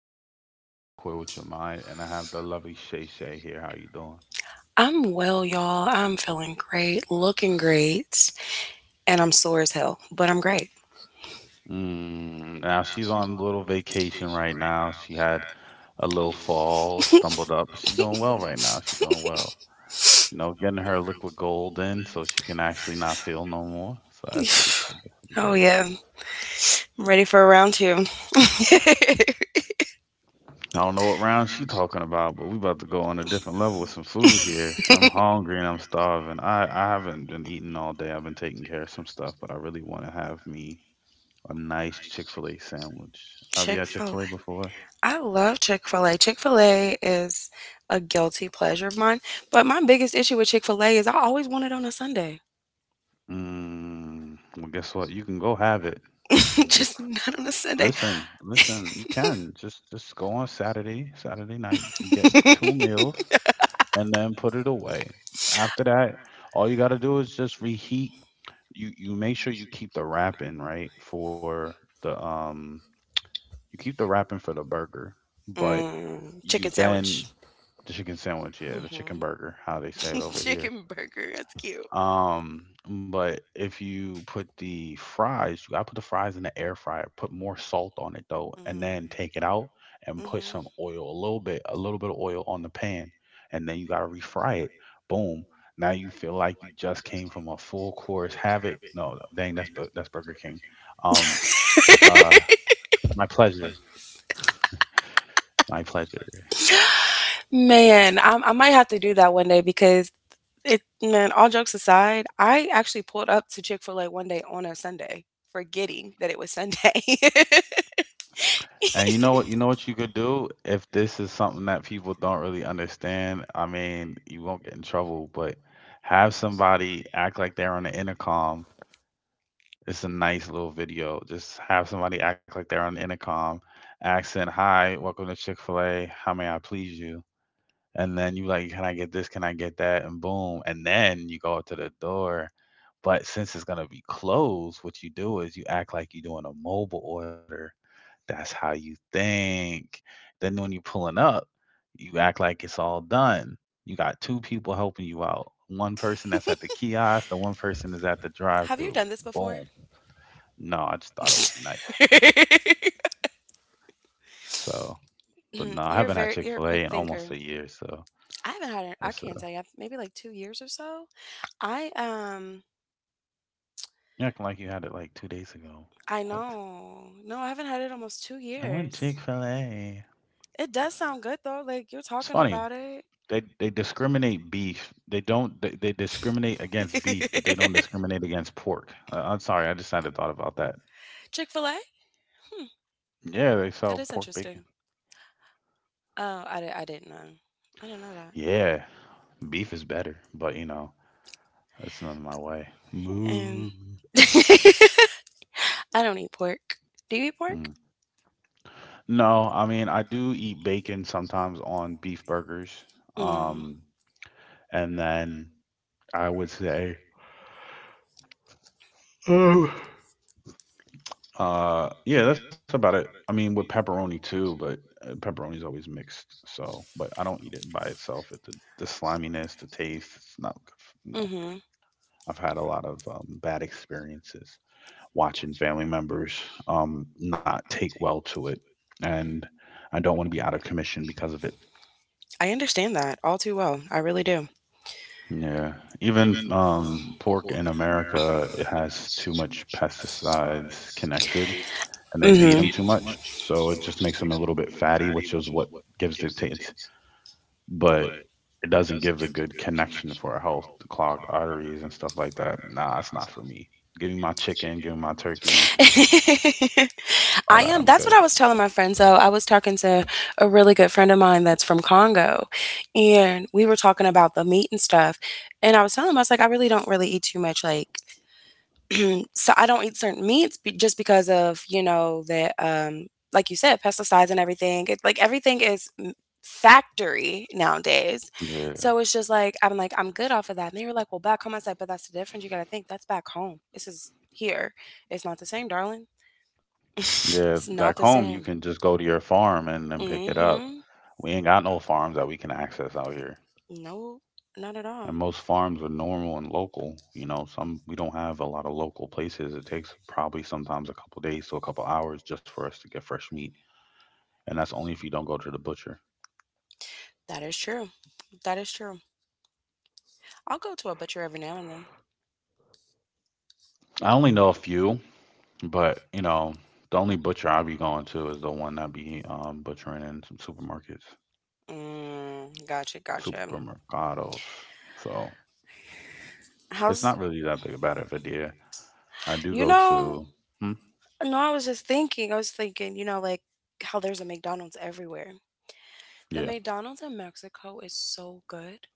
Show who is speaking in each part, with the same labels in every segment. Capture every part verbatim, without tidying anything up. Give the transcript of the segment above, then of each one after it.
Speaker 1: night. Dante with Coy with Your Mind, and I have the lovely Shay Shay here. How you doing?
Speaker 2: I'm well, y'all. I'm feeling great, looking great, and I'm sore as hell, but I'm great.
Speaker 1: Mm, now she's on a little vacation right now. She had a little fall, stumbled up, but she doing well right now. She doing well. You know, getting her liquid gold in so she can actually not feel no more. So that's pretty good. That's pretty
Speaker 2: Oh,
Speaker 1: good.
Speaker 2: yeah. I'm ready for a round two.
Speaker 1: I don't know what round she talking about, but we about to go on a different level with some food here. I'm hungry and I'm starving. I I haven't been eating all day. I've been taking care of some stuff, but I really want to have me a nice Chick-fil-A sandwich. Have you
Speaker 2: Chick
Speaker 1: had
Speaker 2: fil A.
Speaker 1: Chick-fil-A before?
Speaker 2: I love Chick fil A. Chick fil A is a guilty pleasure of mine, but my biggest issue with Chick fil A is I always want it on a Sunday,
Speaker 1: Mm, well, guess what? You can go have it. Just
Speaker 2: just not on a Sunday.
Speaker 1: listen, listen. You can just just go on Saturday, Saturday night, and get two meals, and then put it away. After that, all you got to do is just reheat, you you make sure you keep the wrapping right for the, um you keep the wrapping for the burger, but
Speaker 2: Mm,
Speaker 1: you
Speaker 2: chicken
Speaker 1: then
Speaker 2: sandwich.
Speaker 1: the chicken sandwich, yeah, the chicken
Speaker 2: Hmm.
Speaker 1: burger, how they say it over here.
Speaker 2: Chicken burger. That's cute.
Speaker 1: Um, but if you put the fries, you gotta put the fries in the air fryer, put more salt on it though, and then
Speaker 2: Mm.
Speaker 1: take it out and put some oil, a little bit, a little bit of oil on the
Speaker 2: Mm-hmm.
Speaker 1: pan, and then you gotta refry it. Boom. Now you feel like you just came from a full course. Have it. No, dang, that's Bu- that's Burger King. Um, uh, my pleasure. My pleasure.
Speaker 2: Man, I, I might have to do that one day because it, man, all jokes aside, I actually pulled up to Chick fil A one day on a Sunday, forgetting that it was Sunday.
Speaker 1: And you know what? You know what you could do if this is something that people don't really understand? I mean, you won't get in trouble, but have somebody act like they're on the intercom. It's a nice little video. Just have somebody act like they're on the intercom, accent, "Hi, welcome to Chick-fil-A. How may I please you?" And then you like, "Can I get this? Can I get that?" And boom, and then you go up to the door. But since it's gonna be closed, what you do is you act like you're doing a mobile order, that's how you think. Then when you're pulling up, you act like it's all done. You got two people helping you out. One person that's at the kiosk, the one person is at the drive
Speaker 2: Have you
Speaker 1: through.
Speaker 2: done this before?
Speaker 1: Boom. No, I just thought it would be nice. So, but no, I
Speaker 2: Mm,
Speaker 1: haven't
Speaker 2: you're
Speaker 1: had
Speaker 2: very,
Speaker 1: Chick
Speaker 2: you're
Speaker 1: fil
Speaker 2: a
Speaker 1: A in
Speaker 2: quick
Speaker 1: almost
Speaker 2: thinker.
Speaker 1: a year. So
Speaker 2: I haven't had, it- I
Speaker 1: it's
Speaker 2: can't
Speaker 1: uh,
Speaker 2: tell you, maybe like two years or so. I, um,
Speaker 1: you're acting like you had it like two days ago.
Speaker 2: I
Speaker 1: What?
Speaker 2: know. No, I haven't had it almost two
Speaker 1: I went
Speaker 2: years.
Speaker 1: Chick fil A.
Speaker 2: It does sound good though. Like you're
Speaker 1: It's
Speaker 2: talking
Speaker 1: funny.
Speaker 2: about it.
Speaker 1: They they discriminate beef. They don't they, they discriminate against beef, but they don't discriminate against pork. Uh, I'm sorry, I just had a thought about that.
Speaker 2: Chick-fil-A? Hmm.
Speaker 1: Yeah, they
Speaker 2: That
Speaker 1: sell
Speaker 2: is
Speaker 1: pork bacon.
Speaker 2: interesting. Oh, I, di- I didn't know. I didn't know that.
Speaker 1: Yeah, beef is better, but you know, that's none of my way.
Speaker 2: And
Speaker 1: Moo.
Speaker 2: I don't eat pork. Do you eat pork?
Speaker 1: Mm. No, I mean I do eat bacon sometimes on beef burgers.
Speaker 2: Mm.
Speaker 1: Um, and then I would say, Oh. Uh, yeah, that's about it. I mean, with pepperoni too, but uh, pepperoni's always mixed. So, but I don't eat it by itself. It the, the sliminess, the taste, it's not good. f- No,
Speaker 2: Mm-hmm.
Speaker 1: I've had a lot of um, bad experiences watching family members um not take well to it, and I don't want to be out of commission because of it.
Speaker 2: I understand that all too well. I really do.
Speaker 1: Yeah, even um pork in America, it has too much pesticides connected and they feed
Speaker 2: Mm-hmm.
Speaker 1: them too much. So it just makes them a little bit fatty, which is what gives the taste, but it doesn't give the good connection for our health, the clogged arteries and stuff like that. Nah, it's not for me. Give me my chicken, give me my turkey, all that. I'm
Speaker 2: I
Speaker 1: good.
Speaker 2: am. That's what I was telling my friend. So I was talking to a really good friend of mine that's from Congo, and we were talking about the meat and stuff. And I was telling him, I was like, I really don't really eat too much. Like, so I don't eat certain meats be- just because of you know that, um, like you said, pesticides and everything. It, like everything is m- factory nowadays. So
Speaker 1: Yeah.
Speaker 2: it's just like I'm like I'm good off of that. And they were like, well, back home. I said, but that's the difference. You got to think that's back home. This is here. It's not the same, darling.
Speaker 1: Yeah.
Speaker 2: It's not
Speaker 1: Back
Speaker 2: the
Speaker 1: home, you
Speaker 2: same.
Speaker 1: can just go to your farm and then pick it up.
Speaker 2: Mm-hmm.
Speaker 1: We ain't got no farms that we can access out here.
Speaker 2: No, not at all.
Speaker 1: And most farms are normal and local. You know, some we don't have a lot of local places. It takes probably sometimes a couple days to a couple hours just for us to get fresh meat. And that's only if you don't go to the butcher.
Speaker 2: That is true. That is true. I'll go to a butcher every now and then.
Speaker 1: I only know a few, but you know, the only butcher I be going to is the one that be um, butchering in some supermarkets,
Speaker 2: Mm, gotcha, gotcha.
Speaker 1: supermercados. So it's
Speaker 2: How's
Speaker 1: not really that big about it, but yeah, I do
Speaker 2: You
Speaker 1: go
Speaker 2: know?
Speaker 1: to. Hmm?
Speaker 2: No, I was just thinking. I was thinking, you know, like how there's a McDonald's everywhere. The
Speaker 1: Yeah,
Speaker 2: McDonald's in Mexico is so good.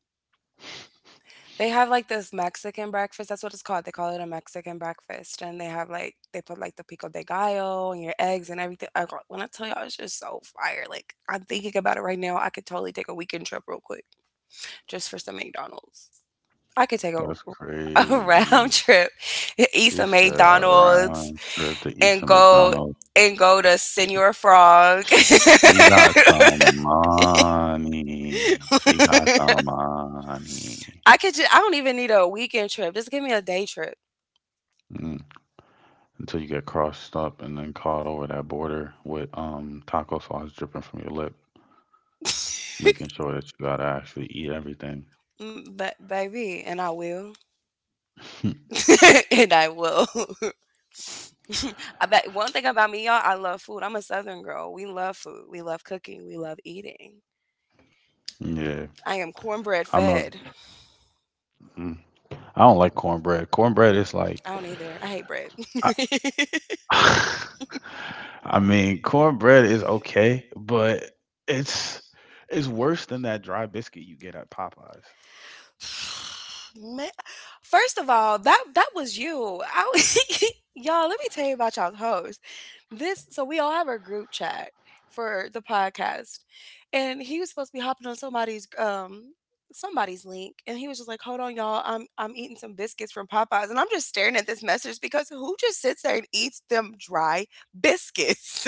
Speaker 2: They have, like, this Mexican breakfast, that's what it's called, they call it a Mexican breakfast, and they have, like they put, like, the pico de gallo and your eggs and everything. I go when I tell y'all it's just so fire, like, I'm thinking about it right now, I could totally take a weekend trip real quick just for some McDonald's. I could take a
Speaker 1: that's
Speaker 2: a round
Speaker 1: crazy.
Speaker 2: trip, eat
Speaker 1: She
Speaker 2: some
Speaker 1: said a
Speaker 2: McDonald's
Speaker 1: round trip to eat
Speaker 2: and
Speaker 1: some
Speaker 2: go
Speaker 1: McDonald's.
Speaker 2: and go to Senor Frog.
Speaker 1: She got some money. She got some money.
Speaker 2: I could ju I don't even need a weekend trip, just give me a day trip.
Speaker 1: Mm. Until you get crossed up and then caught over that border with um taco sauce dripping from your lip, making sure that you gotta actually eat everything.
Speaker 2: Mm, Ba baby, and I will, and I will. I bet one thing about me, y'all, I love food. I'm a Southern girl. We love food. We love cooking. We love eating.
Speaker 1: Yeah,
Speaker 2: I am cornbread
Speaker 1: I'm a.
Speaker 2: fed.
Speaker 1: mm, I don't like cornbread. Cornbread is like,
Speaker 2: I don't either. I hate bread.
Speaker 1: I, I mean, cornbread is okay, but it's it's worse than that dry biscuit you get at Popeyes.
Speaker 2: Man, first of all, that that was you. I, was- y'all, let me tell you about y'all's host. This So we all have our group chat for the podcast, and he was supposed to be hopping on somebody's um somebody's link, and he was just like, "Hold on, y'all, I'm I'm eating some biscuits from Popeyes," and I'm just staring at this message because who just sits there and eats them dry biscuits?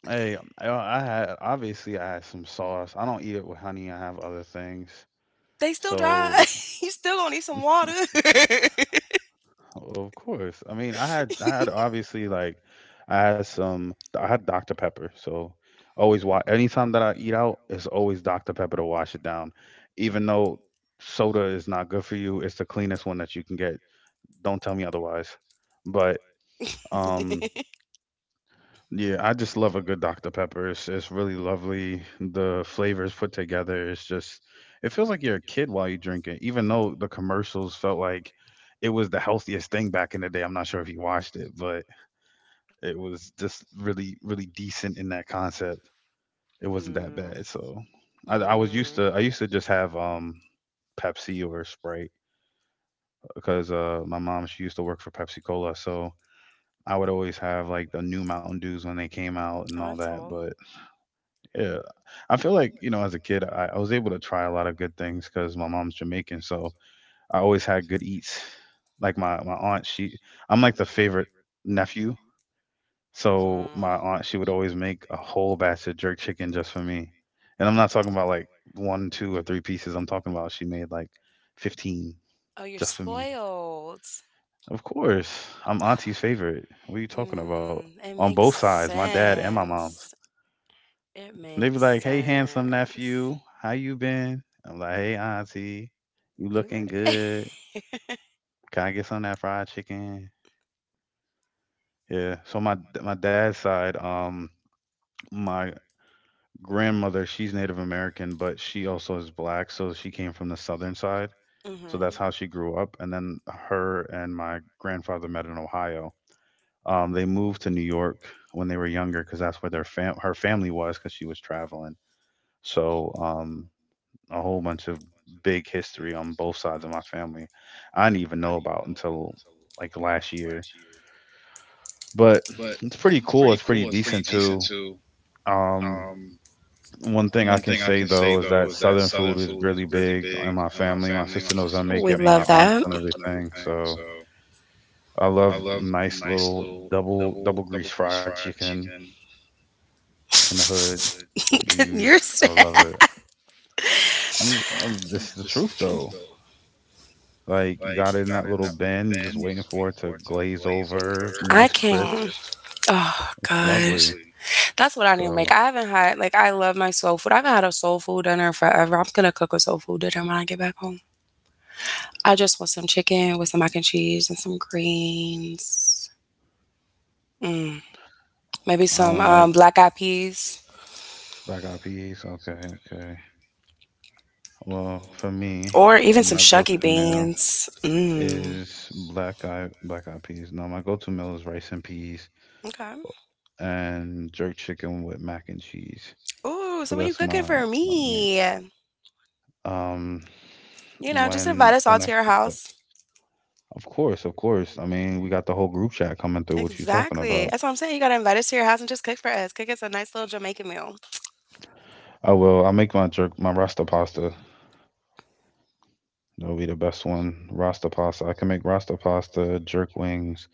Speaker 1: Hey, um, I I had obviously I had some sauce. I don't eat it with honey. I have other things.
Speaker 2: They still dry.
Speaker 1: So,
Speaker 2: You still gonna need some water.
Speaker 1: of course. I mean, I had I had obviously like I had some I had doctor Pepper. So, always wa anytime that I eat out, it's always doctor Pepper to wash it down. Even though soda is not good for you, it's the cleanest one that you can get. Don't tell me otherwise. But um yeah, I just love a good doctor Pepper. It's, it's really lovely. The flavors put together, it's just, it feels like you're a kid while you drink it, even though the commercials felt like it was the healthiest thing back in the day. I'm not sure if you watched it, but it was just really, really decent in that concept. It wasn't that
Speaker 2: Mm.
Speaker 1: bad. So I, I was used
Speaker 2: Mm.
Speaker 1: to, I used to just have um Pepsi or Sprite because uh, my mom, she used to work for Pepsi Cola. So I would always have like the new Mountain Dews when they came out and all that. But yeah, I feel like you know, as a kid, I, I was able to try a lot of good things because my mom's Jamaican, so I always had good eats. Like my my aunt, she I'm like the favorite nephew, so my aunt she would always make a whole batch of jerk chicken just for me, and I'm not talking about like one, two, or three pieces. I'm talking about she made like fifteen
Speaker 2: Oh, you're
Speaker 1: just for me.
Speaker 2: spoiled.
Speaker 1: Of course, I'm
Speaker 2: My
Speaker 1: auntie's favorite. What are you talking about?
Speaker 2: Mm,
Speaker 1: On both
Speaker 2: it
Speaker 1: sides, my dad and my mom's.
Speaker 2: Yeah, my mom. Sense. It
Speaker 1: They be
Speaker 2: makes.
Speaker 1: like, "Hey, handsome nephew, how you been?" I'm like, "Hey, auntie, you
Speaker 2: You
Speaker 1: looking good? Can I get some of that fried chicken?" Yeah. So my my dad's side, um, my grandmother, she's Native American, but she also is black, so she came from the southern side.
Speaker 2: So,
Speaker 1: So that's
Speaker 2: mhm.
Speaker 1: how she grew up. And then her and my grandfather met in Ohio. Um, they moved to New York when they were younger because that's where their fam- her family was because she was traveling. So um, a whole bunch of big history on both sides of my family. I didn't even know about until like last year, but it's pretty cool. It's pretty decent too. Um, One thing I can say though is that Southern food is really big in my family. My sister knows I make it, my aunts and everything. So I love nice little double double grease fried chicken in the hood. You,
Speaker 2: You're
Speaker 1: I
Speaker 2: sad.
Speaker 1: love it. I'm, I'm, this is the truth though. Like, you got it in that little bin, you're just waiting for it to glaze over,
Speaker 2: I
Speaker 1: nice crisp.
Speaker 2: can't. Oh
Speaker 1: It's lovely.
Speaker 2: gosh. That's what I need to make.
Speaker 1: So
Speaker 2: I haven't had Like, I love my soul food. I haven't had a soul food dinner forever. I'm gonna cook a soul food dinner when I get back home. I just want some chicken with some mac and cheese and some greens. Mm, maybe
Speaker 1: I
Speaker 2: some
Speaker 1: don't like
Speaker 2: um, black eyed peas
Speaker 1: black eyed peas. Okay, okay. Well, for me,
Speaker 2: or even some
Speaker 1: my
Speaker 2: shuggy
Speaker 1: go-to meal
Speaker 2: beans. Mm.
Speaker 1: is black eye black eyed peas. No, my go-to meal is rice and peas
Speaker 2: Okay.
Speaker 1: and jerk chicken with mac and cheese.
Speaker 2: Ooh,
Speaker 1: So
Speaker 2: so when you
Speaker 1: that's
Speaker 2: cooking
Speaker 1: my,
Speaker 2: for
Speaker 1: my man.
Speaker 2: me,
Speaker 1: Um,
Speaker 2: you know, just invite
Speaker 1: when
Speaker 2: us
Speaker 1: the
Speaker 2: all to
Speaker 1: next
Speaker 2: your
Speaker 1: clip,
Speaker 2: house.
Speaker 1: of course, of course. I mean, we got the whole group chat coming through. What you talking
Speaker 2: Exactly.
Speaker 1: about?
Speaker 2: That's what I'm saying. You gotta invite us to your house and just cook for us. Cook us a nice little Jamaican meal.
Speaker 1: I will. I'll make my jerk, my rasta pasta. That'll be the best one. Rasta pasta. I can make rasta pasta, jerk wings,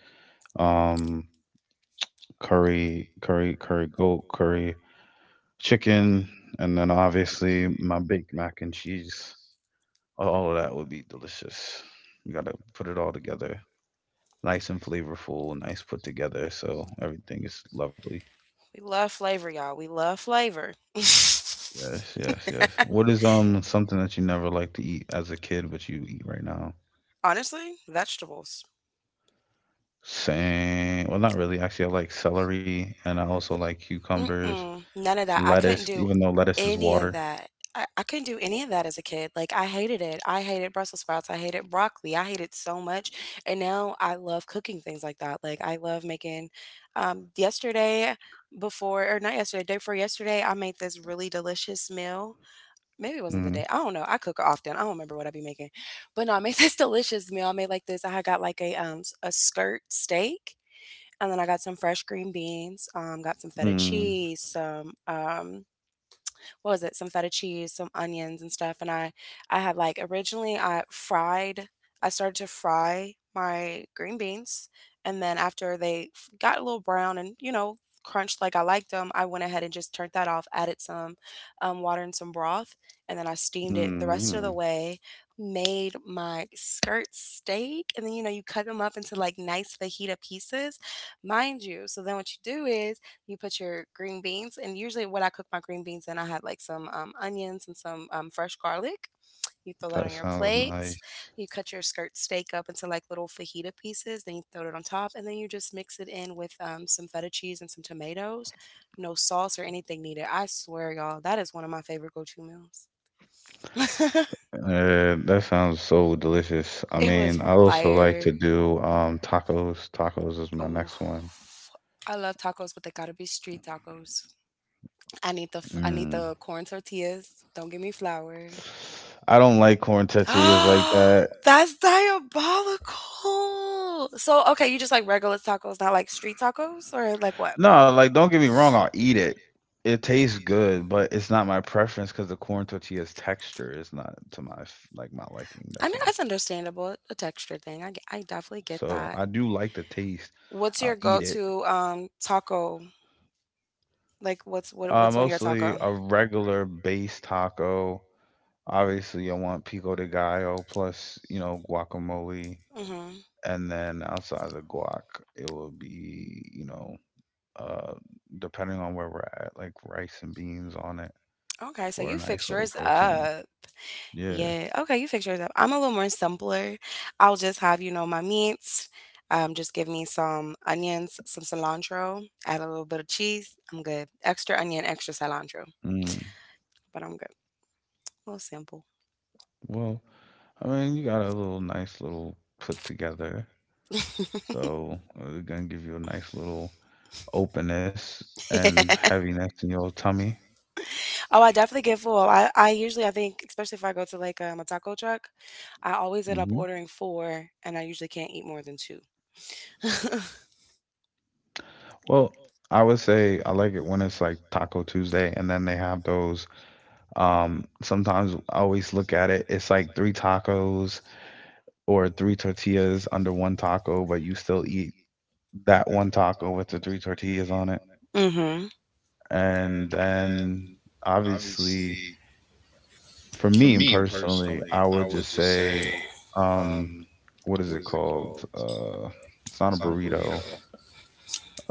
Speaker 1: um, curry, curry, curry goat, curry, chicken, and then obviously my baked mac and cheese. All of that would be delicious. You gotta put it all together, nice and flavorful, nice put together, so everything is lovely.
Speaker 2: We love flavor, y'all. We love flavor.
Speaker 1: Yes, yes, yes. What is um something that you never liked to eat as a kid, but you eat right now?
Speaker 2: Honestly, vegetables.
Speaker 1: Same. Well, not really. Actually, I like celery and I also like cucumbers,
Speaker 2: Mm-mm, none of that. I
Speaker 1: lettuce,
Speaker 2: couldn't do
Speaker 1: even though lettuce is
Speaker 2: any of
Speaker 1: water.
Speaker 2: that. I, I couldn't do any of that as a kid. Like I hated it. I hated Brussels sprouts. I hated broccoli. I hated so much. And now I love cooking things like that. Like I love making um yesterday, before, or not yesterday, day before yesterday, I made this really delicious meal. Maybe it wasn't the
Speaker 1: Mm.
Speaker 2: day. I don't know. I cook often. I don't remember what I be making, but no, I made this delicious meal. I made like this. I had got like a um a skirt steak, and then I got some fresh green beans. Um, got some feta
Speaker 1: Mm.
Speaker 2: cheese, some um what was it? Some feta cheese, some onions and stuff. And I, I had like originally I fried. I started to fry my green beans, and then after they f- got a little brown and you know crunched like I liked them, I went ahead and just turned that off. Added some um, water and some broth, and then I steamed it the rest of
Speaker 1: Mm.
Speaker 2: the way. Made my skirt steak, and then you know you cut them up into like nice fajita pieces, mind you. So then what you do is you put your green beans, and usually what I cook my green beans in, I had like some um, onions and some um, fresh garlic. You throw that
Speaker 1: That
Speaker 2: on your
Speaker 1: sounds
Speaker 2: plates.
Speaker 1: nice.
Speaker 2: You cut your skirt steak up into like little fajita pieces. Then you throw it on top, and then you just mix it in with um, some feta cheese and some tomatoes. No sauce or anything needed. I swear, y'all, that is one of my favorite go-to meals.
Speaker 1: Uh, that sounds so delicious. I
Speaker 2: It delicious. Was
Speaker 1: mean, I also like to
Speaker 2: fire.
Speaker 1: do um tacos.
Speaker 2: Tacos?
Speaker 1: Tacos is
Speaker 2: Tacos?
Speaker 1: my
Speaker 2: Oh,
Speaker 1: next one.
Speaker 2: I love tacos, but they gotta be street tacos. I need the f- I need
Speaker 1: Mm.
Speaker 2: the corn tortillas. Don't give me flour.
Speaker 1: I don't like corn tortillas like
Speaker 2: Oh,
Speaker 1: that.
Speaker 2: that's diabolical. So, okay, you just like regular tacos, not like street tacos or like what?
Speaker 1: No, like, don't get me wrong, I'll eat it. It tastes good, but it's not my preference because the corn tortilla's texture is not to my f like, my liking,
Speaker 2: I
Speaker 1: that's
Speaker 2: mean,
Speaker 1: all.
Speaker 2: that's understandable. A texture thing. I, get, I definitely get that.
Speaker 1: So,
Speaker 2: I
Speaker 1: I
Speaker 2: do.
Speaker 1: do like the taste.
Speaker 2: What's your
Speaker 1: I'll eat it.
Speaker 2: go-to um taco? Like what's what
Speaker 1: Uh,
Speaker 2: what's on your
Speaker 1: mostly
Speaker 2: taco?
Speaker 1: a regular base taco. Obviously, I want pico de gallo plus, you know, guacamole.
Speaker 2: Obviously, mhm.
Speaker 1: And then outside of the guac, it will be, you know, uh, depending on where we're at, like rice and beans on it
Speaker 2: Okay, so
Speaker 1: for a
Speaker 2: you
Speaker 1: nice
Speaker 2: fix
Speaker 1: little
Speaker 2: yours
Speaker 1: protein.
Speaker 2: up.
Speaker 1: Yeah.
Speaker 2: Yeah. Okay, you fix yours up. I'm a little more simpler. I'll just have, you know, my meats. Um, just give me some onions, some cilantro, add a little bit of cheese. I'm good. Extra onion, extra cilantro,
Speaker 1: Mm.
Speaker 2: but I'm good. A little simple.
Speaker 1: Well, I mean, you got a little nice little put together, so uh, it's gonna give you a nice little openness and heaviness in your tummy.
Speaker 2: Yeah. Oh, I definitely get full. I, I usually, I think, especially if I go to like um, a taco truck, I always end up
Speaker 1: Hmm.
Speaker 2: ordering four, and I usually can't eat more than two.
Speaker 1: Well, I would say I like it when it's like Taco Tuesday, and then they have those. Um, sometimes I always look at it, it's like three tacos or three tortillas under one taco, but you still eat that one taco with the three tortillas on it,
Speaker 2: Mm-hmm.
Speaker 1: and then obviously for me personally, I would just say, um, what is it called? Uh, it's not a burrito.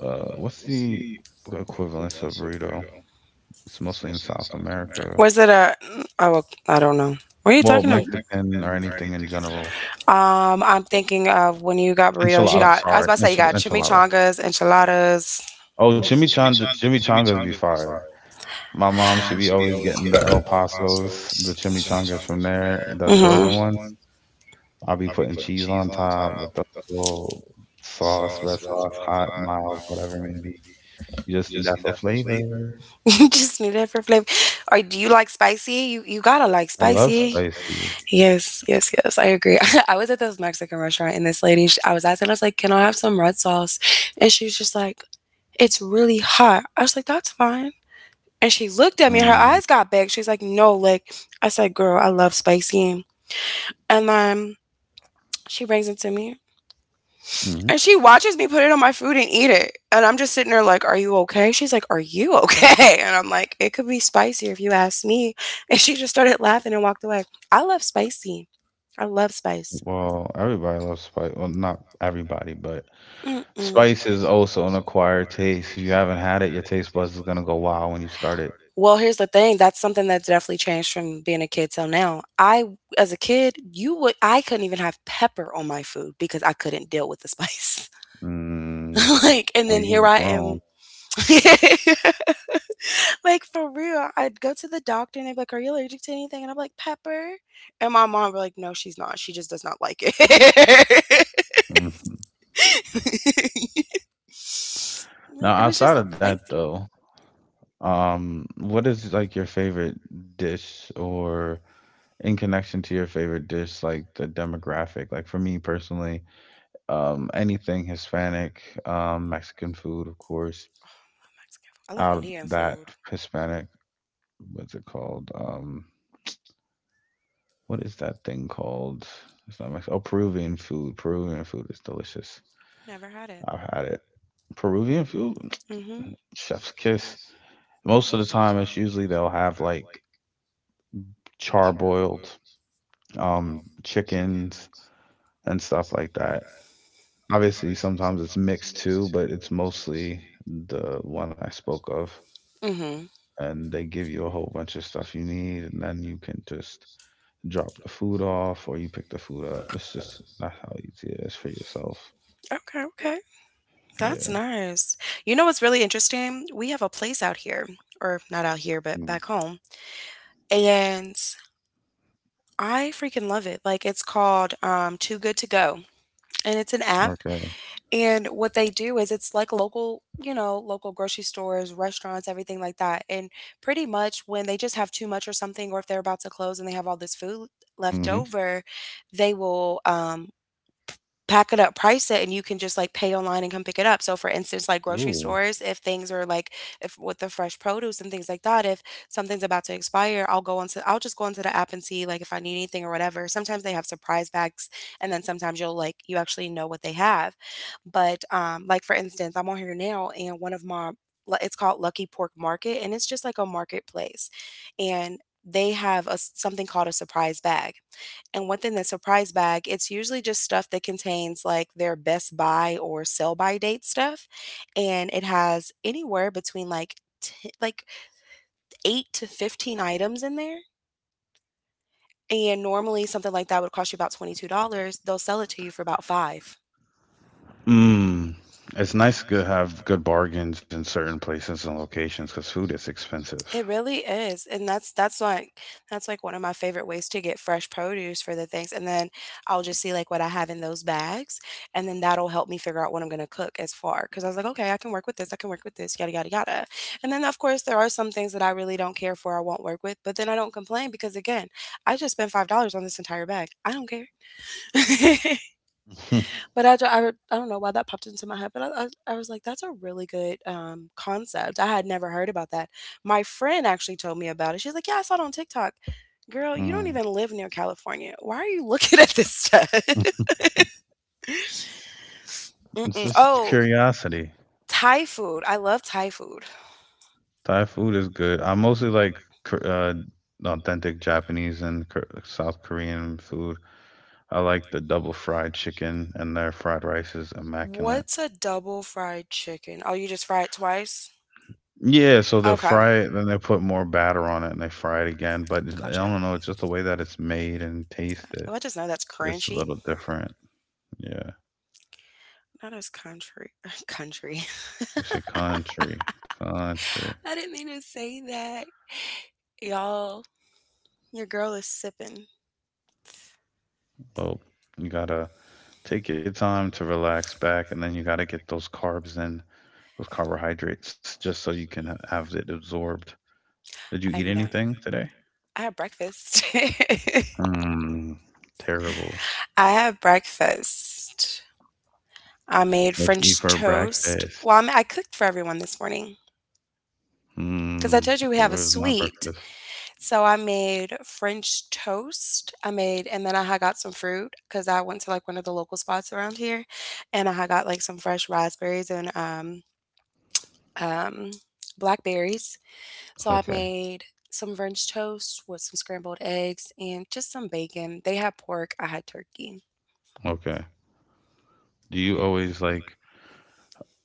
Speaker 1: Uh, what's the equivalence of burrito? It's mostly in South America.
Speaker 2: Was it a Oh, I don't know. What are you
Speaker 1: Well,
Speaker 2: talking
Speaker 1: Mexican or anything in general.
Speaker 2: Um, I'm thinking of when you got burritos,
Speaker 1: Enchilada, sorry, enchi- enchilada.
Speaker 2: chimichangas, enchiladas.
Speaker 1: Oh, chimichanga, chimichangas be fire. My mom should be always getting the El Pasos, the chimichangas from there, the frozen ones. I'll be putting cheese on top with the little sauce, red sauce, hot, mild, whatever it may be. You just need that for flavor.
Speaker 2: Just need it for flavor. Or do you like spicy? You you gotta like
Speaker 1: I love
Speaker 2: spicy.
Speaker 1: spicy.
Speaker 2: Yes, yes, yes. I agree. I was at this Mexican restaurant and this lady, sh I was asking, I was like, "Can I have some red sauce?" And she was just like, "It's really hot." I was like, "That's fine." And she looked at me. Her
Speaker 1: Mm,
Speaker 2: eyes got big. She's like, "No, like," I said, "Girl, I love spicy." And then she brings it to me.
Speaker 1: hmm.
Speaker 2: And she watches me put it on my food and eat it. And I'm just sitting there like, "Are you okay?" She's like, "Are you okay?" And I'm like, "It could be spicier if you ask me." And she just started laughing and walked away. I love spicy. I love spice.
Speaker 1: Well, everybody loves spice. Well, not everybody, but
Speaker 2: Mm-mm.
Speaker 1: spice is also an acquired taste. If you haven't had it, your taste buds is gonna go wild when you start it.
Speaker 2: Well, here's the thing. That's something that's definitely changed from being a kid till now. I, as a kid, you would, I couldn't even have pepper on my food because I couldn't deal with the spice.
Speaker 1: Mm,
Speaker 2: Like, and
Speaker 1: well,
Speaker 2: then
Speaker 1: you
Speaker 2: here
Speaker 1: was
Speaker 2: I
Speaker 1: grown.
Speaker 2: am. Like for real, I'd go to the doctor and they'd be like, "Are you allergic to anything?" And I'm like, "Pepper." And my mom were like, "No, she's not. She just does not like it."
Speaker 1: Mhm. Now,
Speaker 2: It was just
Speaker 1: outside
Speaker 2: so
Speaker 1: of that,
Speaker 2: spicy.
Speaker 1: though, um, what is like your favorite dish or in connection to your favorite dish, like the demographic, like for me personally, um, anything Hispanic, um, Mexican food, of course,
Speaker 2: I'm Mexican food. I love
Speaker 1: out of
Speaker 2: Indian
Speaker 1: that
Speaker 2: food.
Speaker 1: Hispanic, what's it called? Um, what is that thing called? It's not Mexican. Oh, Peruvian food. Peruvian food is delicious.
Speaker 2: Never had it.
Speaker 1: I've had it. Peruvian food,
Speaker 2: Mhm.
Speaker 1: chef's kiss. Most of the time, it's usually they'll have like charboiled um chickens and stuff like that. Obviously, sometimes it's mixed too, but it's mostly the one I spoke of.
Speaker 2: Mhm.
Speaker 1: And they give you a whole bunch of stuff you need, and then you can just drop the food off or you pick the food up. It's just that's how easy it is for yourself.
Speaker 2: Okay. Okay. That's
Speaker 1: Yeah.
Speaker 2: nice. You know what's really interesting? We have a place out here, or not out here, but
Speaker 1: Mm.
Speaker 2: back home, and I freaking love it. Like it's called um, Too Good to Go. And it's an app,
Speaker 1: Okay.
Speaker 2: and what they do is it's like local, you know local grocery stores, restaurants, everything like that. And pretty much when they just have too much or something, or if they're about to close and they have all this food left
Speaker 1: Mm-hmm.
Speaker 2: over, they will um pack it up, price it, and you can just, like, pay online and come pick it up. So, for instance, like, grocery
Speaker 1: Ooh.
Speaker 2: stores, if things are, like, if with the fresh produce and things like that, if something's about to expire, I'll go onto I'll just go onto the app and see, like, if I need anything or whatever. Sometimes they have surprise bags, and then sometimes you'll, like, you actually know what they have. But, um, like, for instance, I'm on here now, and one of my lu it's called Lucky Pork Market, and it's just like a marketplace, and they have a s something called a surprise bag. And within the surprise bag, it's usually just stuff that contains like their best buy or sell by date stuff. And it has anywhere between like t- like eight to fifteen items in there. And normally something like that would cost you about twenty-two dollars. They'll sell it to you for about five.
Speaker 1: Mm. It's nice to have good bargains in certain places and locations because food is expensive.
Speaker 2: It really is. And that's that's like that's like one of my favorite ways to get fresh produce for the things. And then I'll just see like what I have in those bags. And then that'll help me figure out what I'm gonna cook as far. Cause I was like, okay, I can work with this, I can work with this, yada yada yada. And then of course there are some things that I really don't care for, I won't work with, but then I don't complain because again, I just spent five dollars on this entire bag. I don't care. But I I d I I don't know why that popped into my head, but I I I was like, "That's a really good, um, concept." I had never heard about that. My friend actually told me about it. She's like, "Yeah, I saw it on TikTok." Girl, you don't
Speaker 1: Mm.
Speaker 2: even live near California. Why are you looking at this stuff?
Speaker 1: It's
Speaker 2: Mm-mm.
Speaker 1: just
Speaker 2: Oh, curiosity.
Speaker 1: curiosity.
Speaker 2: Thai food. I love Thai food.
Speaker 1: Thai food is good. I mostly like Kor- uh, authentic Japanese and Kor- South Korean food. I like the double fried chicken, and their fried rice is immaculate.
Speaker 2: What's a double fried chicken? Oh, you just fry it twice?
Speaker 1: Yeah,
Speaker 2: Yeah.
Speaker 1: so
Speaker 2: so
Speaker 1: they'll
Speaker 2: Okay. And
Speaker 1: fry it, then they
Speaker 2: they
Speaker 1: put
Speaker 2: put
Speaker 1: more
Speaker 2: more
Speaker 1: batter
Speaker 2: batter
Speaker 1: on it,
Speaker 2: on
Speaker 1: and they
Speaker 2: it, it
Speaker 1: fry it
Speaker 2: fry it
Speaker 1: again.
Speaker 2: again.
Speaker 1: But
Speaker 2: But
Speaker 1: it's- I
Speaker 2: gotcha.
Speaker 1: don't know, it's
Speaker 2: Domino's,
Speaker 1: just the
Speaker 2: just the
Speaker 1: way
Speaker 2: way
Speaker 1: that
Speaker 2: that
Speaker 1: it's
Speaker 2: it's
Speaker 1: made and
Speaker 2: made, and oh,
Speaker 1: tasted.
Speaker 2: I just know that's it's crunchy.
Speaker 1: It's a
Speaker 2: A little
Speaker 1: little different.
Speaker 2: different.
Speaker 1: Yeah,
Speaker 2: Not as country country.
Speaker 1: we say country, country.
Speaker 2: I didn't mean to say that. Y'all, your girl is sipping.
Speaker 1: Well, you gotta take your time to relax back, and then you gotta get those carbs in. Those carbohydrates just so you can have it absorbed. Did you
Speaker 2: I
Speaker 1: eat
Speaker 2: know.
Speaker 1: anything
Speaker 2: Anything
Speaker 1: today?
Speaker 2: today? I had breakfast.
Speaker 1: Mm, terrible.
Speaker 2: I had breakfast. I made
Speaker 1: What you eat
Speaker 2: French. You
Speaker 1: for
Speaker 2: toast. Breakfast. Well, I,
Speaker 1: breakfast?
Speaker 2: ma- I cooked for everyone this morning
Speaker 1: Mm,
Speaker 2: because I told you we have
Speaker 1: where's
Speaker 2: a
Speaker 1: my
Speaker 2: suite.
Speaker 1: breakfast?
Speaker 2: So I made French toast. I made, and then I had got some fruit because I went to like one of the local spots around here, and I had got like some fresh raspberries and um um, blackberries. So I
Speaker 1: Okay,
Speaker 2: made some French toast with some scrambled eggs and just some bacon. They had pork, I had turkey.
Speaker 1: okay. Do you always like,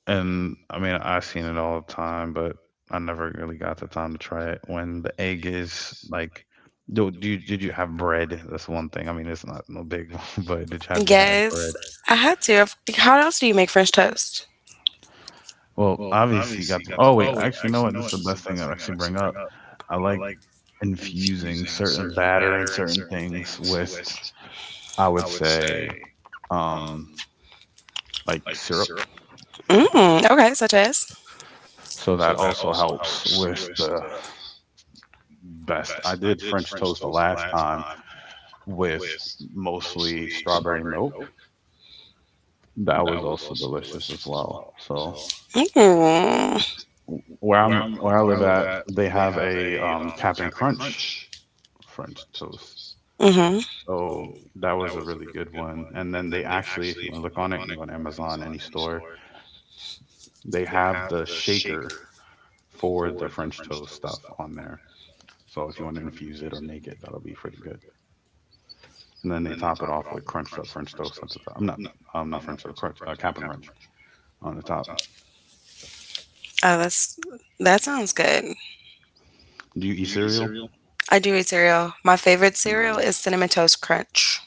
Speaker 1: and I mean, I've seen it all the time, but I never really got the time to try it. When the egg is like, do, do you, did you have bread? That's one thing. I mean, it's not no big, but did you have you had
Speaker 2: Yes,
Speaker 1: bread?
Speaker 2: I had to. Of- how else do you make French toast?
Speaker 1: Well, obviously you got to oh wait, actually, you know what? This is the best thing I'll actually bring up. I like infusing certain batter and certain things with, I would say, um, like syrup.
Speaker 2: Mm, okay, such as.
Speaker 1: So that also helps with the best. I did French toast the last time with mostly strawberry milk. That was also delicious as well. So
Speaker 2: Mm,
Speaker 1: where I'm where I live at, they have a um, Cap'n Crunch French toast.
Speaker 2: mm-hmm.
Speaker 1: So that was a really good one. And then they actually, if you want to look on it, you can go on Amazon, any store. They have the shaker for the French toast stuff on there. So if you want to infuse it or make it, that'll be pretty good. And then they top it off with crunched up French toast at the top. I'm not, I'm not French toast, crunch, uh, cap'n Crunch on the top.
Speaker 2: Oh, that's that sounds good.
Speaker 1: Do you eat cereal?
Speaker 2: I do eat cereal. My favorite cereal is
Speaker 1: Nice.
Speaker 2: Cinnamon Toast Crunch.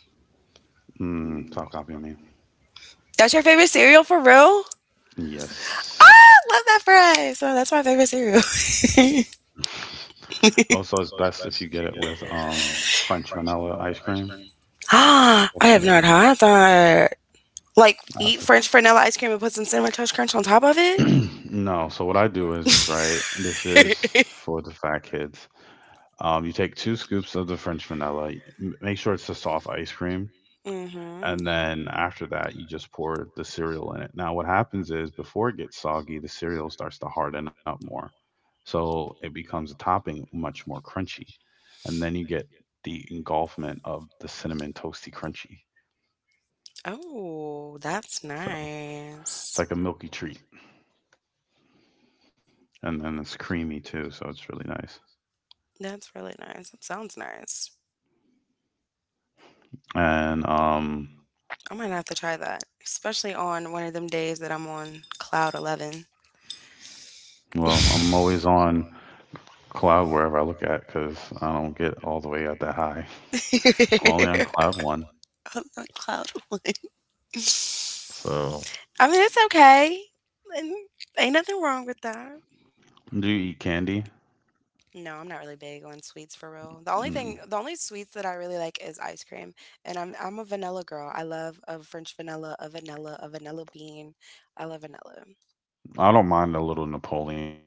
Speaker 1: Mm, stop copying me.
Speaker 2: That's your favorite cereal for real?
Speaker 1: Yes.
Speaker 2: Ah, love that for us. So that's my favorite cereal.
Speaker 1: Also, it's best if you get it with um French vanilla ice cream.
Speaker 2: Ah, I
Speaker 1: That's me
Speaker 2: have not
Speaker 1: later.
Speaker 2: had that. Like eat
Speaker 1: That's
Speaker 2: French vanilla ice cream and put some cinnamon toast crunch on top of it?
Speaker 1: no.
Speaker 2: No,
Speaker 1: So what
Speaker 2: so
Speaker 1: I do is
Speaker 2: what
Speaker 1: right. This
Speaker 2: I
Speaker 1: is
Speaker 2: do.
Speaker 1: for the fat kids. Um, you take two scoops of the French vanilla. y- m- Make sure it's a soft ice cream,
Speaker 2: Mm-hmm.
Speaker 1: and then after that, you just pour the cereal in it. Now, what happens is before it gets soggy, the cereal starts to harden up more, so it becomes a topping much more crunchy, and then you get the engulfment of the cinnamon toasty crunchy.
Speaker 2: Oh, that's
Speaker 1: So it's
Speaker 2: nice.
Speaker 1: like a milky treat, and then it's creamy too. So it's really nice.
Speaker 2: That's really nice. That sounds nice.
Speaker 1: And um.
Speaker 2: I might have to try that, especially on one of them days that I'm on cloud eleven.
Speaker 1: Well, I'm always
Speaker 2: Cloud
Speaker 1: on cloud wherever I look at because I don't get all the way up that high.
Speaker 2: one,
Speaker 1: I'm only on
Speaker 2: cloud
Speaker 1: cloud one.
Speaker 2: one. On cloud one.
Speaker 1: So,
Speaker 2: I mean, it's okay. And ain't nothing wrong with that.
Speaker 1: do you eat candy?
Speaker 2: No, I'm not really big on sweets for real. The only thing
Speaker 1: Mm.
Speaker 2: the only sweets that I really like is ice cream, and I'm I'm a vanilla girl. I love a French vanilla, a vanilla, a vanilla bean. I love vanilla.
Speaker 1: I don't mind a little Napoleon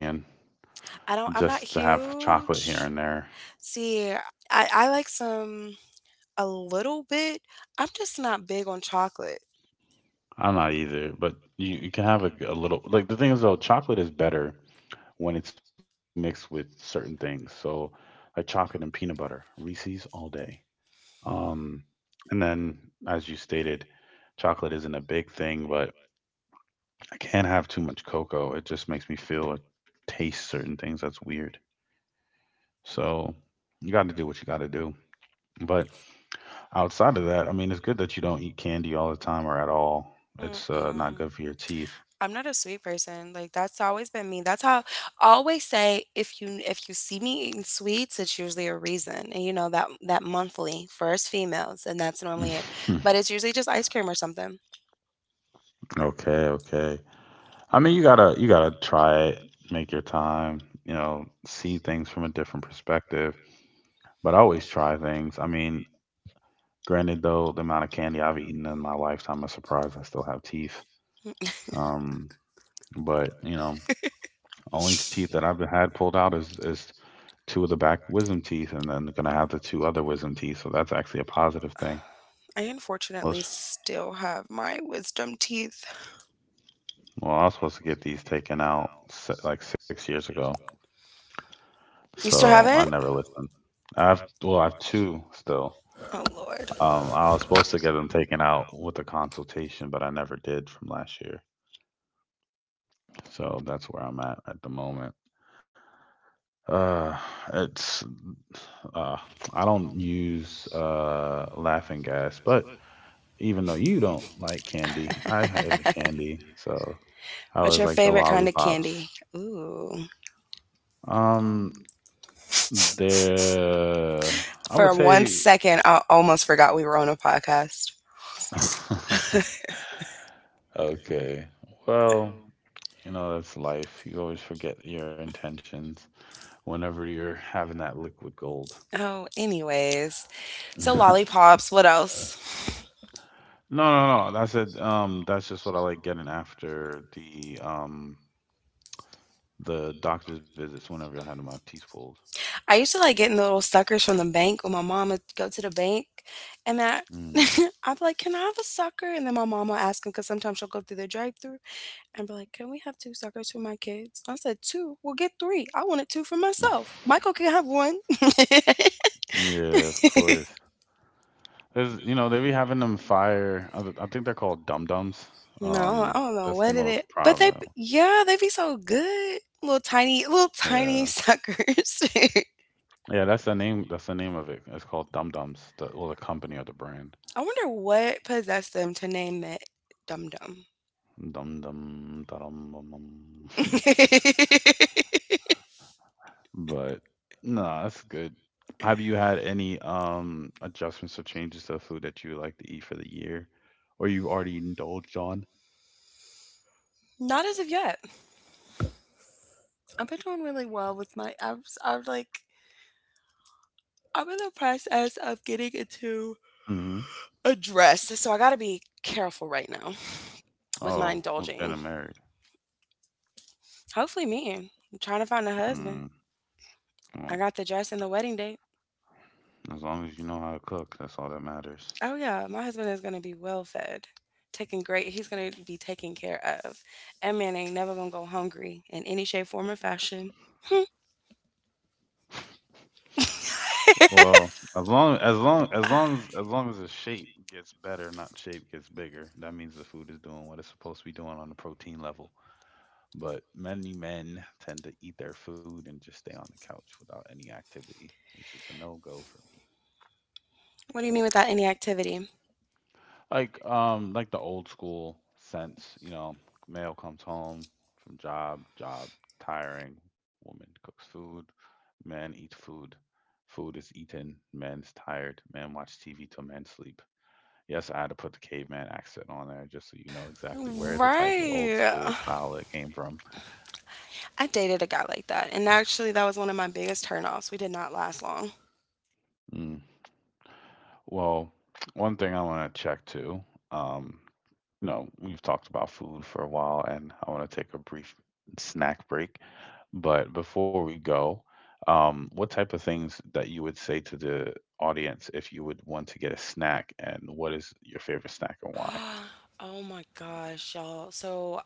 Speaker 2: I don't
Speaker 1: just
Speaker 2: I'm
Speaker 1: to
Speaker 2: not am not
Speaker 1: have chocolate here and
Speaker 2: huge.
Speaker 1: there.
Speaker 2: See, I I like some a little bit. I'm just not big on chocolate.
Speaker 1: I'm not either, but you, you can have a, a little. Like, the thing is, though, chocolate is better when it's mixed with certain things. So, like chocolate and peanut butter, Reese's all day. Um, and then, as you stated, chocolate isn't a big thing, but I can't have too much cocoa. It just makes me feel or taste certain things. That's weird. So you got to do what you got to do. But outside of that, I mean, it's good that you don't eat candy all the time or at all. It's uh, not
Speaker 2: Mm-mm.
Speaker 1: good for your teeth.
Speaker 2: I'm not a sweet person. Like that's always been me. That's how I always say if you if you see me eating sweets, it's usually a reason. And you know that that monthly first females, and that's normally it. But it's usually just ice cream or something.
Speaker 1: Okay, okay. I mean, you gotta you gotta try it, make your time, you know, see things from a different perspective. But I always try things. I mean, granted though, the amount of candy I've eaten in my lifetime, I'm surprised I still have teeth. Um, but you know, only teeth that I've had pulled out is is two of the back wisdom teeth, and then gonna have the two other wisdom teeth. So that's actually a positive thing.
Speaker 2: I unfortunately
Speaker 1: Most
Speaker 2: still have my wisdom teeth.
Speaker 1: Well, I was supposed to get these taken out se- like six years ago,
Speaker 2: You still
Speaker 1: so
Speaker 2: have
Speaker 1: I
Speaker 2: it?
Speaker 1: never listened. I have Well, I have two still.
Speaker 2: Oh Lord.
Speaker 1: Um, I was supposed to get them taken out with a consultation, but I never did from last year. So that's where I'm at at the moment. Uh, it's uh, I
Speaker 2: I
Speaker 1: don't
Speaker 2: don't
Speaker 1: use
Speaker 2: use
Speaker 1: uh
Speaker 2: uh,
Speaker 1: laughing
Speaker 2: laughing
Speaker 1: gas,
Speaker 2: gas,
Speaker 1: but
Speaker 2: but
Speaker 1: even
Speaker 2: even
Speaker 1: though
Speaker 2: though
Speaker 1: you
Speaker 2: you
Speaker 1: don't like candy,
Speaker 2: don't
Speaker 1: I
Speaker 2: like candy, I
Speaker 1: have a
Speaker 2: like
Speaker 1: candy,
Speaker 2: candy. So
Speaker 1: so I
Speaker 2: What's I
Speaker 1: always
Speaker 2: your I would
Speaker 1: like the
Speaker 2: favorite kind of
Speaker 1: lollipops.
Speaker 2: definitely um, candy? Ooh.
Speaker 1: Um, there, I would
Speaker 2: For one ooh,
Speaker 1: say,
Speaker 2: second, I almost forgot we were on a podcast.
Speaker 1: okay, well, you know, that's life. You always forget your intentions whenever you're having that liquid gold.
Speaker 2: Oh, anyways. So
Speaker 1: no,
Speaker 2: lollipops, what else?
Speaker 1: no, no. I said, um, that's just what I like getting after the um the doctor's visits whenever I had my teeth pulled.
Speaker 2: I used to like getting the little suckers from the bank when my mom would go to the bank, and that
Speaker 1: Mm.
Speaker 2: I'd be like, "Can I have a sucker?" And then my mom will ask them because sometimes she'll go through the drive-through and be like, "Can we have two suckers for my kids?" I said, "Two? Will get three. I wanted two for myself. Michael can have one."
Speaker 1: Yeah, of course. There's, you know, they be having them fire. I th- I think they're called dum dums.
Speaker 2: No, I
Speaker 1: Um,
Speaker 2: don't know
Speaker 1: that's the
Speaker 2: what it is,
Speaker 1: most
Speaker 2: but they,
Speaker 1: prominent.
Speaker 2: yeah, they be so good. Little tiny, little
Speaker 1: Yeah,
Speaker 2: tiny suckers. I
Speaker 1: yeah. That's the name. That's the name of it. It's called dum dums. The Well, the company or the brand.
Speaker 2: wonder what possessed them to name it Dum Dum.
Speaker 1: Dum dum da dum dum. dum. But no, that's good. Have you had any um adjustments or changes to the food that you like to eat for the year, or you've already indulged on?
Speaker 2: Not as of yet. I've been doing really well with my. I'm s- I'm like I'm in the process of getting into
Speaker 1: Mm-hmm.
Speaker 2: a dress, so I gotta be careful right now with my
Speaker 1: Oh, who's
Speaker 2: indulging.
Speaker 1: getting married?
Speaker 2: Hopefully me. I'm trying to find a husband.
Speaker 1: Mm, well,
Speaker 2: I got the dress and the wedding date.
Speaker 1: as long as you know how to cook, that's all that matters.
Speaker 2: Oh yeah, my husband is gonna be well fed, taken great he's gonna be taken care of. And man ain't never gonna go hungry in any shape, form or fashion. Hmm.
Speaker 1: Well, as long as long as long as
Speaker 2: Ah,
Speaker 1: as long as the shape gets better, not shape gets bigger, that means the food is doing what it's supposed to be doing on the protein level. But many men tend to eat their food and just stay on the couch without any activity, which is a no-go for me.
Speaker 2: what do you mean without any activity?
Speaker 1: Like um like the old school sense, you know, male comes home from job, job tiring, woman cooks food, man eats food, food is eaten, man's tired, man watch T V till man sleep. Yes, I had to put the caveman accent on there just so you know exactly where the type of old school
Speaker 2: Right.
Speaker 1: style it came from.
Speaker 2: I dated a guy like that, and actually, that was one of my biggest turnoffs. We did not last long.
Speaker 1: Mm. Well, one thing I want to check too, um, you know, we've talked about food for a while and I want to take a brief snack break. But before we go, um, what type of things that you would say to the audience if you would want to get a snack and what is your favorite snack and why?
Speaker 2: Oh my gosh, y'all. So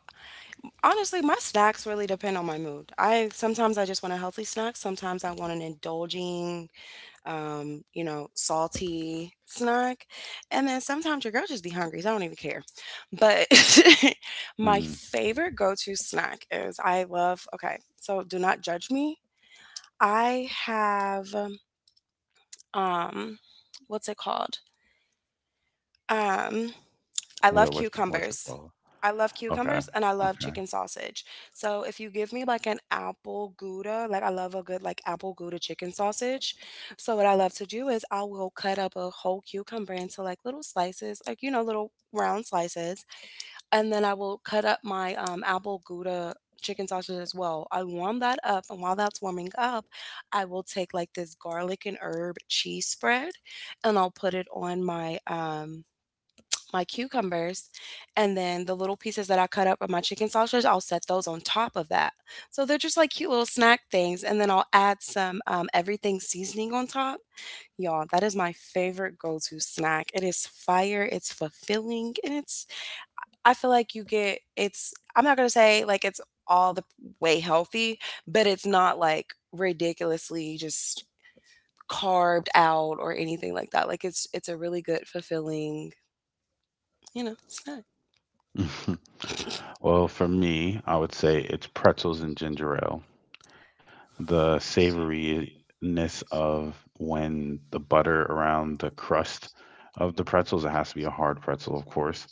Speaker 2: honestly, my snacks really depend on my mood. I sometimes I just want a healthy snack, sometimes I want an indulging, um, you know, salty snack. And then sometimes your girl just be hungry, so I don't even care. But my
Speaker 1: Mm,
Speaker 2: favorite go-to snack is I love, okay, so do not judge me. I have um what's it called? Um, I love
Speaker 1: well, what you, what you
Speaker 2: cucumbers.
Speaker 1: call it?
Speaker 2: I love
Speaker 1: Okay,
Speaker 2: cucumbers and I love
Speaker 1: okay.
Speaker 2: chicken sausage. So if you give me like an apple gouda, like I love a good like apple gouda chicken sausage. So what I love to do is I will cut up a whole cucumber into like little slices, like you know little round slices, and then I will cut up my um, apple gouda chicken sausage as well. I warm that up, and while that's warming up, I will take like this garlic and herb cheese spread, and I'll put it on my um my cucumbers, and then the little pieces that I cut up of my chicken sausage, I'll set those on top of that. So they're just like cute little snack things, and then I'll add some um, everything seasoning on top. Y'all, that is my favorite go-to snack. It is fire, it's fulfilling, and it's I feel like you get it's I'm not gonna say like it's all the way healthy, but it's not like ridiculously just carved out or anything like that. Like it's it's a really good fulfilling, you know, snack.
Speaker 1: Well, for me, I would say it's pretzels and ginger ale. The savoriness of when the butter around the crust of the pretzels, it has to be a hard pretzel, of course,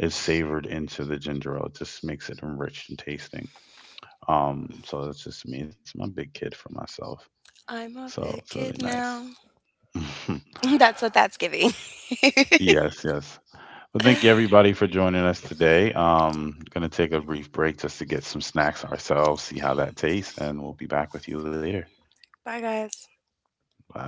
Speaker 1: is savored into the ginger ale. It just makes it enriched and tasting. Um, so that's just me. It's my big kid for myself.
Speaker 2: I'm a
Speaker 1: So it's really
Speaker 2: kid
Speaker 1: nice.
Speaker 2: now. That's what that's giving. Thank you,
Speaker 1: Yes, yes. Well, thank you everybody for joining us today. Um, gonna take a brief break just to get some snacks ourselves, see how that tastes, and we'll be back with you later.
Speaker 2: bye, guys.
Speaker 1: Bye.